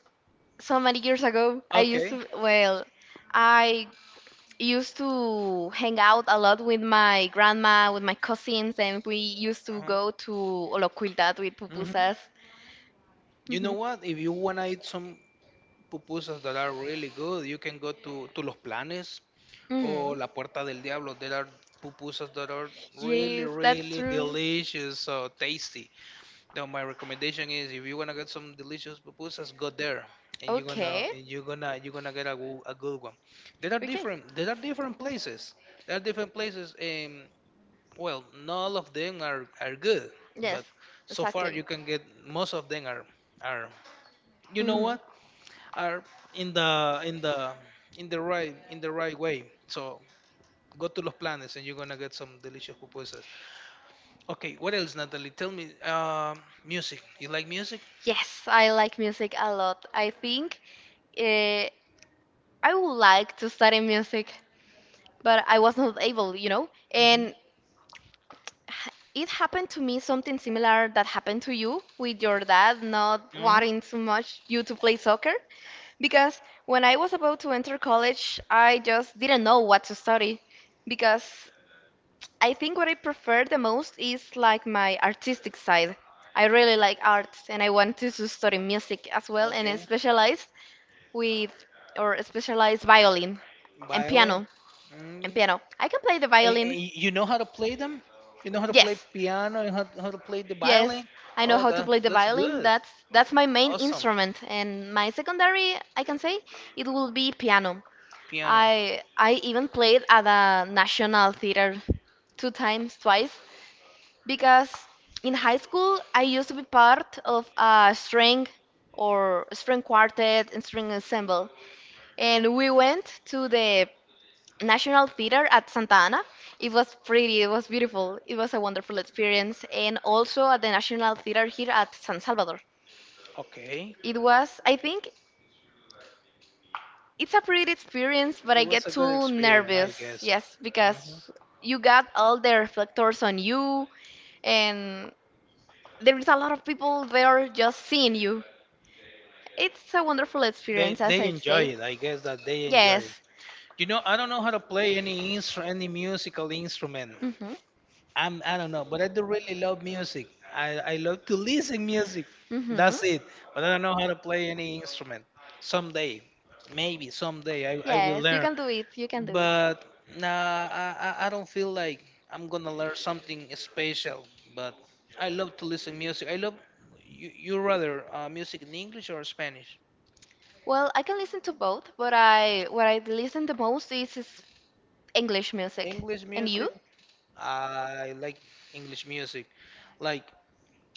Speaker 2: so many years ago, I used
Speaker 1: Okay.
Speaker 2: to, well, I used to hang out a lot with my grandma, with my cousins, and we used to
Speaker 1: Uh-huh.
Speaker 2: go to Olocuildad with
Speaker 1: Hmm.
Speaker 2: pupusas.
Speaker 1: You know
Speaker 2: Hmm,
Speaker 1: what? If you want to eat some pupusas that are really good, you can go to, to Los Planes or
Speaker 2: hmm.
Speaker 1: La Puerta del Diablo. There are pupusas that are really,
Speaker 2: Yes, that's
Speaker 1: really
Speaker 2: true.
Speaker 1: delicious, so tasty. No, my recommendation is if you wanna get some delicious pupusas, go there, and you're gonna
Speaker 2: Okay.
Speaker 1: and you're gonna you're gonna get a, goo- a good one. There are
Speaker 2: Okay.
Speaker 1: different there are different places. There are different places, and well, not all of them are are good,
Speaker 2: Yes,
Speaker 1: but so far
Speaker 2: exactly.
Speaker 1: you can get most of them are are you know what
Speaker 2: Hmm.
Speaker 1: are in the in the in the right in the right way. So go to Los Planes and you're gonna get some delicious pupusas. Okay, what else, Natalie? Tell me, um, music. You like music?
Speaker 2: Yes, I like music a lot. I think uh, I would like to study music, but I was not able, you know. And h- it happened to me something similar that happened to you with your dad not
Speaker 1: Uh-huh.
Speaker 2: wanting so much you to play soccer, because when I was about to enter college, I just didn't know what to study because I think what I prefer the most is like my artistic side. I really like arts, and I wanted to study music as well, and I
Speaker 1: Okay.
Speaker 2: specialized with or specialized violin and
Speaker 1: Violin.
Speaker 2: piano
Speaker 1: Mm.
Speaker 2: and
Speaker 1: And,
Speaker 2: piano. I can play the
Speaker 1: and
Speaker 2: violin.
Speaker 1: y- you know how to play them? You know how to play
Speaker 2: Yes,
Speaker 1: piano and how, how to play the
Speaker 2: yes,
Speaker 1: violin?
Speaker 2: I know
Speaker 1: Oh,
Speaker 2: how to
Speaker 1: that,
Speaker 2: play the
Speaker 1: that's
Speaker 2: violin.
Speaker 1: good.
Speaker 2: That's that's my main
Speaker 1: Awesome.
Speaker 2: instrument, and my secondary, I can say, it will be piano.
Speaker 1: Piano.
Speaker 2: I I even played at the National Theater two times, twice, because in high school I used to be part of a string or string quartet and string ensemble, and we went to the National Theater at Santa Ana. It was pretty, it was beautiful, it was a wonderful experience. And also at the National Theater here at San Salvador.
Speaker 1: Okay.
Speaker 2: It was, I think, it's a pretty experience, but I
Speaker 1: It was
Speaker 2: get
Speaker 1: a good
Speaker 2: too
Speaker 1: experience, I
Speaker 2: nervous,
Speaker 1: guess so.
Speaker 2: yes,
Speaker 1: Hmm.
Speaker 2: because you got all the reflectors on you, and there is a lot of people there just seeing you. It's a wonderful experience,
Speaker 1: They
Speaker 2: as
Speaker 1: they
Speaker 2: I
Speaker 1: enjoy
Speaker 2: said.
Speaker 1: it. I guess that they enjoy it.
Speaker 2: Yes.
Speaker 1: You know, I don't know how to play any instru- any musical instrument.
Speaker 2: Hmm,
Speaker 1: I'm I don't know, but I do really love music. I, I love to listen music.
Speaker 2: hmm.
Speaker 1: That's it. But I don't know how to play any instrument. Someday, maybe someday I, I will
Speaker 2: Yes, you
Speaker 1: learn.
Speaker 2: can do it. You can do it.
Speaker 1: But nah, I, I I don't feel like I'm gonna learn something special. But I love to listen music. I love you. You rather uh, music in English or Spanish?
Speaker 2: Well, I can listen to both, but I what I listen the most is, is English music.
Speaker 1: English
Speaker 2: And you?
Speaker 1: music. I like English music. Like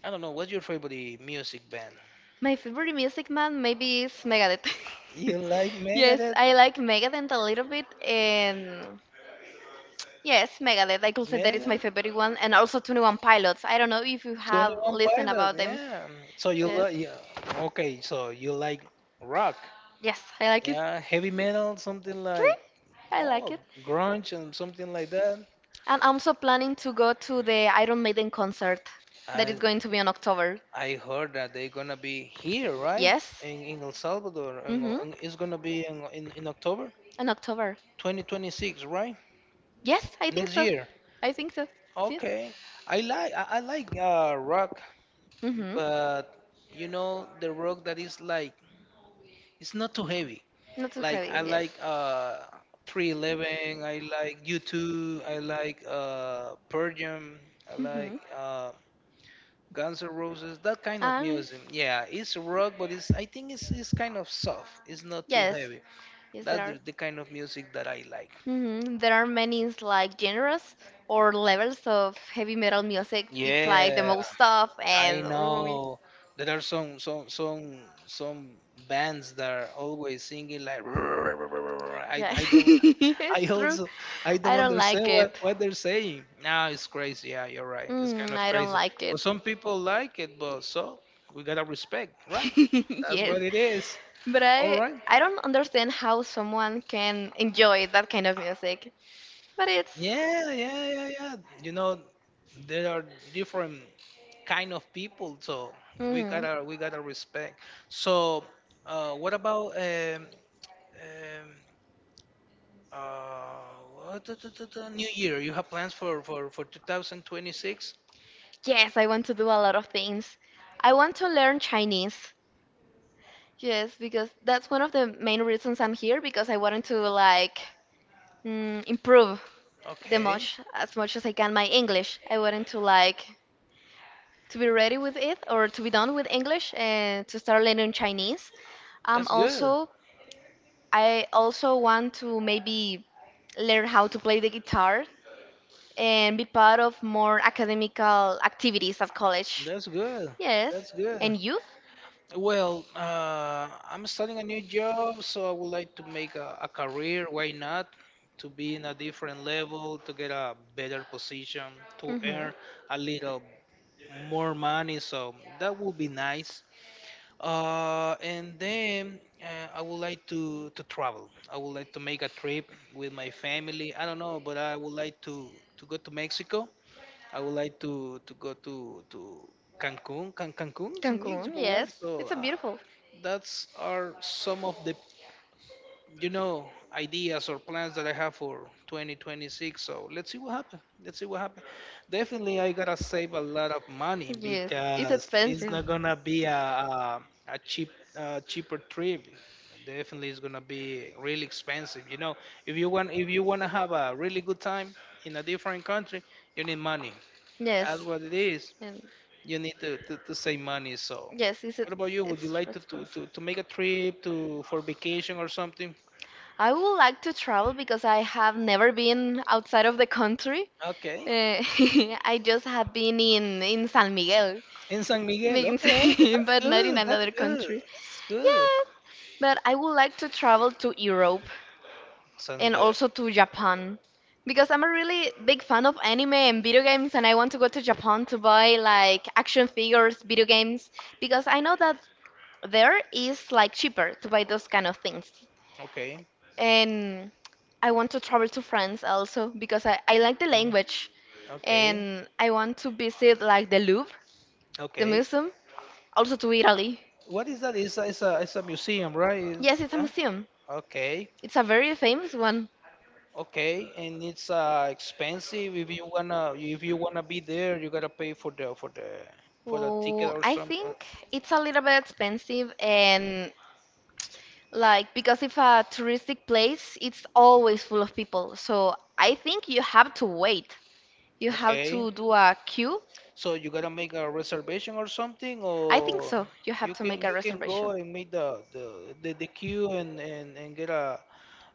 Speaker 1: I don't know. What's your favorite music band?
Speaker 2: My favorite music man maybe is Megadeth.
Speaker 1: You like
Speaker 2: yes,
Speaker 1: Megadeth?
Speaker 2: I like Megadeth a little bit, and yes, Megadeth. I could say that is my
Speaker 1: Mega
Speaker 2: favorite one, and also twenty one Pilots. I don't know if you have
Speaker 1: twenty one
Speaker 2: listened
Speaker 1: Pilot,
Speaker 2: about them.
Speaker 1: yeah. So you
Speaker 2: Yes,
Speaker 1: like, yeah. Okay, so you like rock,
Speaker 2: yes, I like it.
Speaker 1: yeah, heavy metal, something
Speaker 2: Eh,
Speaker 1: like
Speaker 2: I like
Speaker 1: oh
Speaker 2: it.
Speaker 1: grunge and something like that.
Speaker 2: And I'm also planning to go to the Iron Maiden concert that is
Speaker 1: I
Speaker 2: going to be in October.
Speaker 1: I heard that they're gonna be here, right?
Speaker 2: Yes.
Speaker 1: In in El Salvador, and
Speaker 2: Mhm.
Speaker 1: and it's gonna be in in, in October
Speaker 2: In October.
Speaker 1: twenty twenty-six, right?
Speaker 2: Yes, I think
Speaker 1: Next
Speaker 2: so.
Speaker 1: year.
Speaker 2: I think so. Yes.
Speaker 1: Okay, I like I, I like uh, rock,
Speaker 2: Mhm.
Speaker 1: but you know the rock that is like it's not too heavy.
Speaker 2: Not too
Speaker 1: Like
Speaker 2: heavy.
Speaker 1: I
Speaker 2: Yes.
Speaker 1: like uh three eleven, I like U two, I like uh Pearl Jam, I like
Speaker 2: Mhm.
Speaker 1: uh Guns N' Roses, that kind of
Speaker 2: Ah,
Speaker 1: music. Yeah, it's rock, but it's I think it's it's kind of soft. It's not too
Speaker 2: yes,
Speaker 1: heavy.
Speaker 2: yes, there
Speaker 1: That's the,
Speaker 2: are.
Speaker 1: the kind of music that I like.
Speaker 2: Hmm. There are many like genres or levels of heavy metal music. It's like the
Speaker 1: Yeah,
Speaker 2: most stuff,
Speaker 1: I
Speaker 2: and oh, it-
Speaker 1: know. There are some some some some bands that are always singing like I
Speaker 2: yeah,
Speaker 1: I don't I
Speaker 2: it's true.
Speaker 1: also I don't
Speaker 2: I don't
Speaker 1: understand
Speaker 2: like
Speaker 1: what
Speaker 2: it.
Speaker 1: what they're saying. Nah, it's crazy. Yeah, you're right. It's kind
Speaker 2: Mm,
Speaker 1: of
Speaker 2: I don't
Speaker 1: crazy.
Speaker 2: like
Speaker 1: But
Speaker 2: it.
Speaker 1: some people like it. But so we gotta respect, right? That's
Speaker 2: Yes,
Speaker 1: what it is.
Speaker 2: but
Speaker 1: All
Speaker 2: I
Speaker 1: right.
Speaker 2: I don't understand how someone can enjoy that kind of music. But it's.
Speaker 1: Yeah, yeah, yeah, yeah. You know, there are different kind of people, so we
Speaker 2: Mhm.
Speaker 1: gotta we gotta respect. So, uh, what about um, um, uh, what- New Year? You have plans for for for twenty twenty-six?
Speaker 2: Yes, I want to do a lot of things. I want to learn Chinese. Yes, because that's one of the main reasons I'm here, because I wanted to like mm, improve the
Speaker 1: Okay.
Speaker 2: much as much as I can my English. I wanted to like to be ready with it or to be done with English and to start learning Chinese. Um,
Speaker 1: That's good.
Speaker 2: also, I also want to maybe learn how to play the guitar and be part of more academical activities at college.
Speaker 1: That's good.
Speaker 2: Yes.
Speaker 1: That's good.
Speaker 2: And you?
Speaker 1: Well, uh, I'm starting a new job, so I would like to make a, a career. Why not? To be in a different level, to get a better position, to
Speaker 2: Mm-hmm.
Speaker 1: earn a little more money. So that would be nice. Uh, and then uh, I would like to, to travel. I would like to make a trip with my family. I don't know, but I would like to, to go to Mexico. I would like to to go to to Cancun. Can Cancun is in
Speaker 2: Cancun,
Speaker 1: Mexico, right?
Speaker 2: yes.
Speaker 1: So
Speaker 2: It's a
Speaker 1: uh,
Speaker 2: beautiful.
Speaker 1: that's are some of the you know ideas or plans that I have for twenty twenty-six. So let's see what happens. Let's see what happens. Definitely, I gotta save a lot of money
Speaker 2: Yes. It's
Speaker 1: because it's
Speaker 2: expensive.
Speaker 1: not gonna be a a, a cheap uh, cheaper trip. Definitely, it's gonna be really expensive. You know, if you want if you wanna have a really good time in a different country, you need money. That's
Speaker 2: Yes.
Speaker 1: what it is.
Speaker 2: And
Speaker 1: You need to, to, to save money. So,
Speaker 2: yes, it's
Speaker 1: what about you? Would you
Speaker 2: it's tr-
Speaker 1: like to, to,
Speaker 2: expensive.
Speaker 1: to, to make a trip to for vacation or something?
Speaker 2: I would like to travel because I have never been outside of the country. Uh,
Speaker 1: Okay.
Speaker 2: I just have been in in San Miguel,
Speaker 1: In San Miguel.
Speaker 2: means-
Speaker 1: Okay, but that's
Speaker 2: but not in
Speaker 1: good. That's
Speaker 2: another
Speaker 1: good.
Speaker 2: country.
Speaker 1: That's good.
Speaker 2: Yeah, but I would like to travel to Europe,
Speaker 1: Sounds
Speaker 2: and
Speaker 1: good.
Speaker 2: also to Japan because I'm a really big fan of anime and video games, and I want to go to Japan to buy like action figures, video games, because I know that there is like cheaper to buy those kind of things.
Speaker 1: Okay.
Speaker 2: And I want to travel to France also because I, I like the
Speaker 1: Mm.
Speaker 2: language
Speaker 1: Okay.
Speaker 2: and I want to visit like the Louvre, the
Speaker 1: Okay.
Speaker 2: museum, also to Italy.
Speaker 1: What is that? It's a, it's a, it's a museum, right? It's-
Speaker 2: Yes, it's a
Speaker 1: yeah.
Speaker 2: museum.
Speaker 1: Okay.
Speaker 2: It's a very famous one.
Speaker 1: Okay. And it's uh expensive. If you wanna if you wanna be there, you gotta pay for the for the for the ticket
Speaker 2: Oh,
Speaker 1: or
Speaker 2: I
Speaker 1: something.
Speaker 2: think it's a little bit expensive and like because if a touristic place, it's always full of people. So I think you have to wait. You have
Speaker 1: Okay.
Speaker 2: to do a queue,
Speaker 1: So you gotta make a reservation or something,
Speaker 2: I think
Speaker 1: or
Speaker 2: so. You have
Speaker 1: you
Speaker 2: to make
Speaker 1: can
Speaker 2: a
Speaker 1: you can go
Speaker 2: reservation.
Speaker 1: and make the the, the, the queue and, and, and get a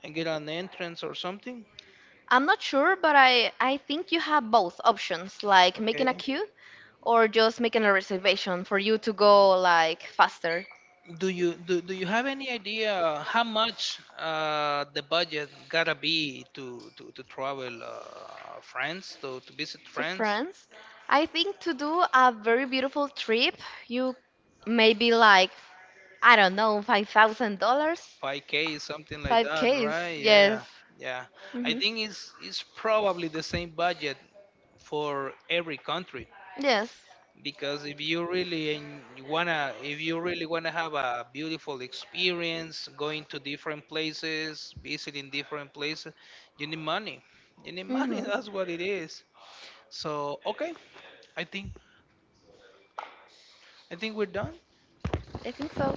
Speaker 1: and get an entrance or something.
Speaker 2: I'm not sure, but I, I think you have both options, like making a
Speaker 1: Okay.
Speaker 2: queue or just making a reservation for you to go like faster.
Speaker 1: Do you do, do you have any idea how much uh, the budget gotta be to to, to travel uh, France to, to visit
Speaker 2: To
Speaker 1: France?
Speaker 2: France. I think to do a very beautiful trip, you maybe like, I don't know, five thousand dollars?
Speaker 1: five K something like that,
Speaker 2: five Ks,
Speaker 1: right?
Speaker 2: yes.
Speaker 1: Yeah, yeah. I
Speaker 2: Hmm.
Speaker 1: think it's it's probably the same budget for every country.
Speaker 2: Yes.
Speaker 1: Because if you really en- wanna if you really wanna have a beautiful experience going to different places visiting different places you need money you need money
Speaker 2: Hmm.
Speaker 1: that's what it is so okay i think I think we're done
Speaker 2: I think so.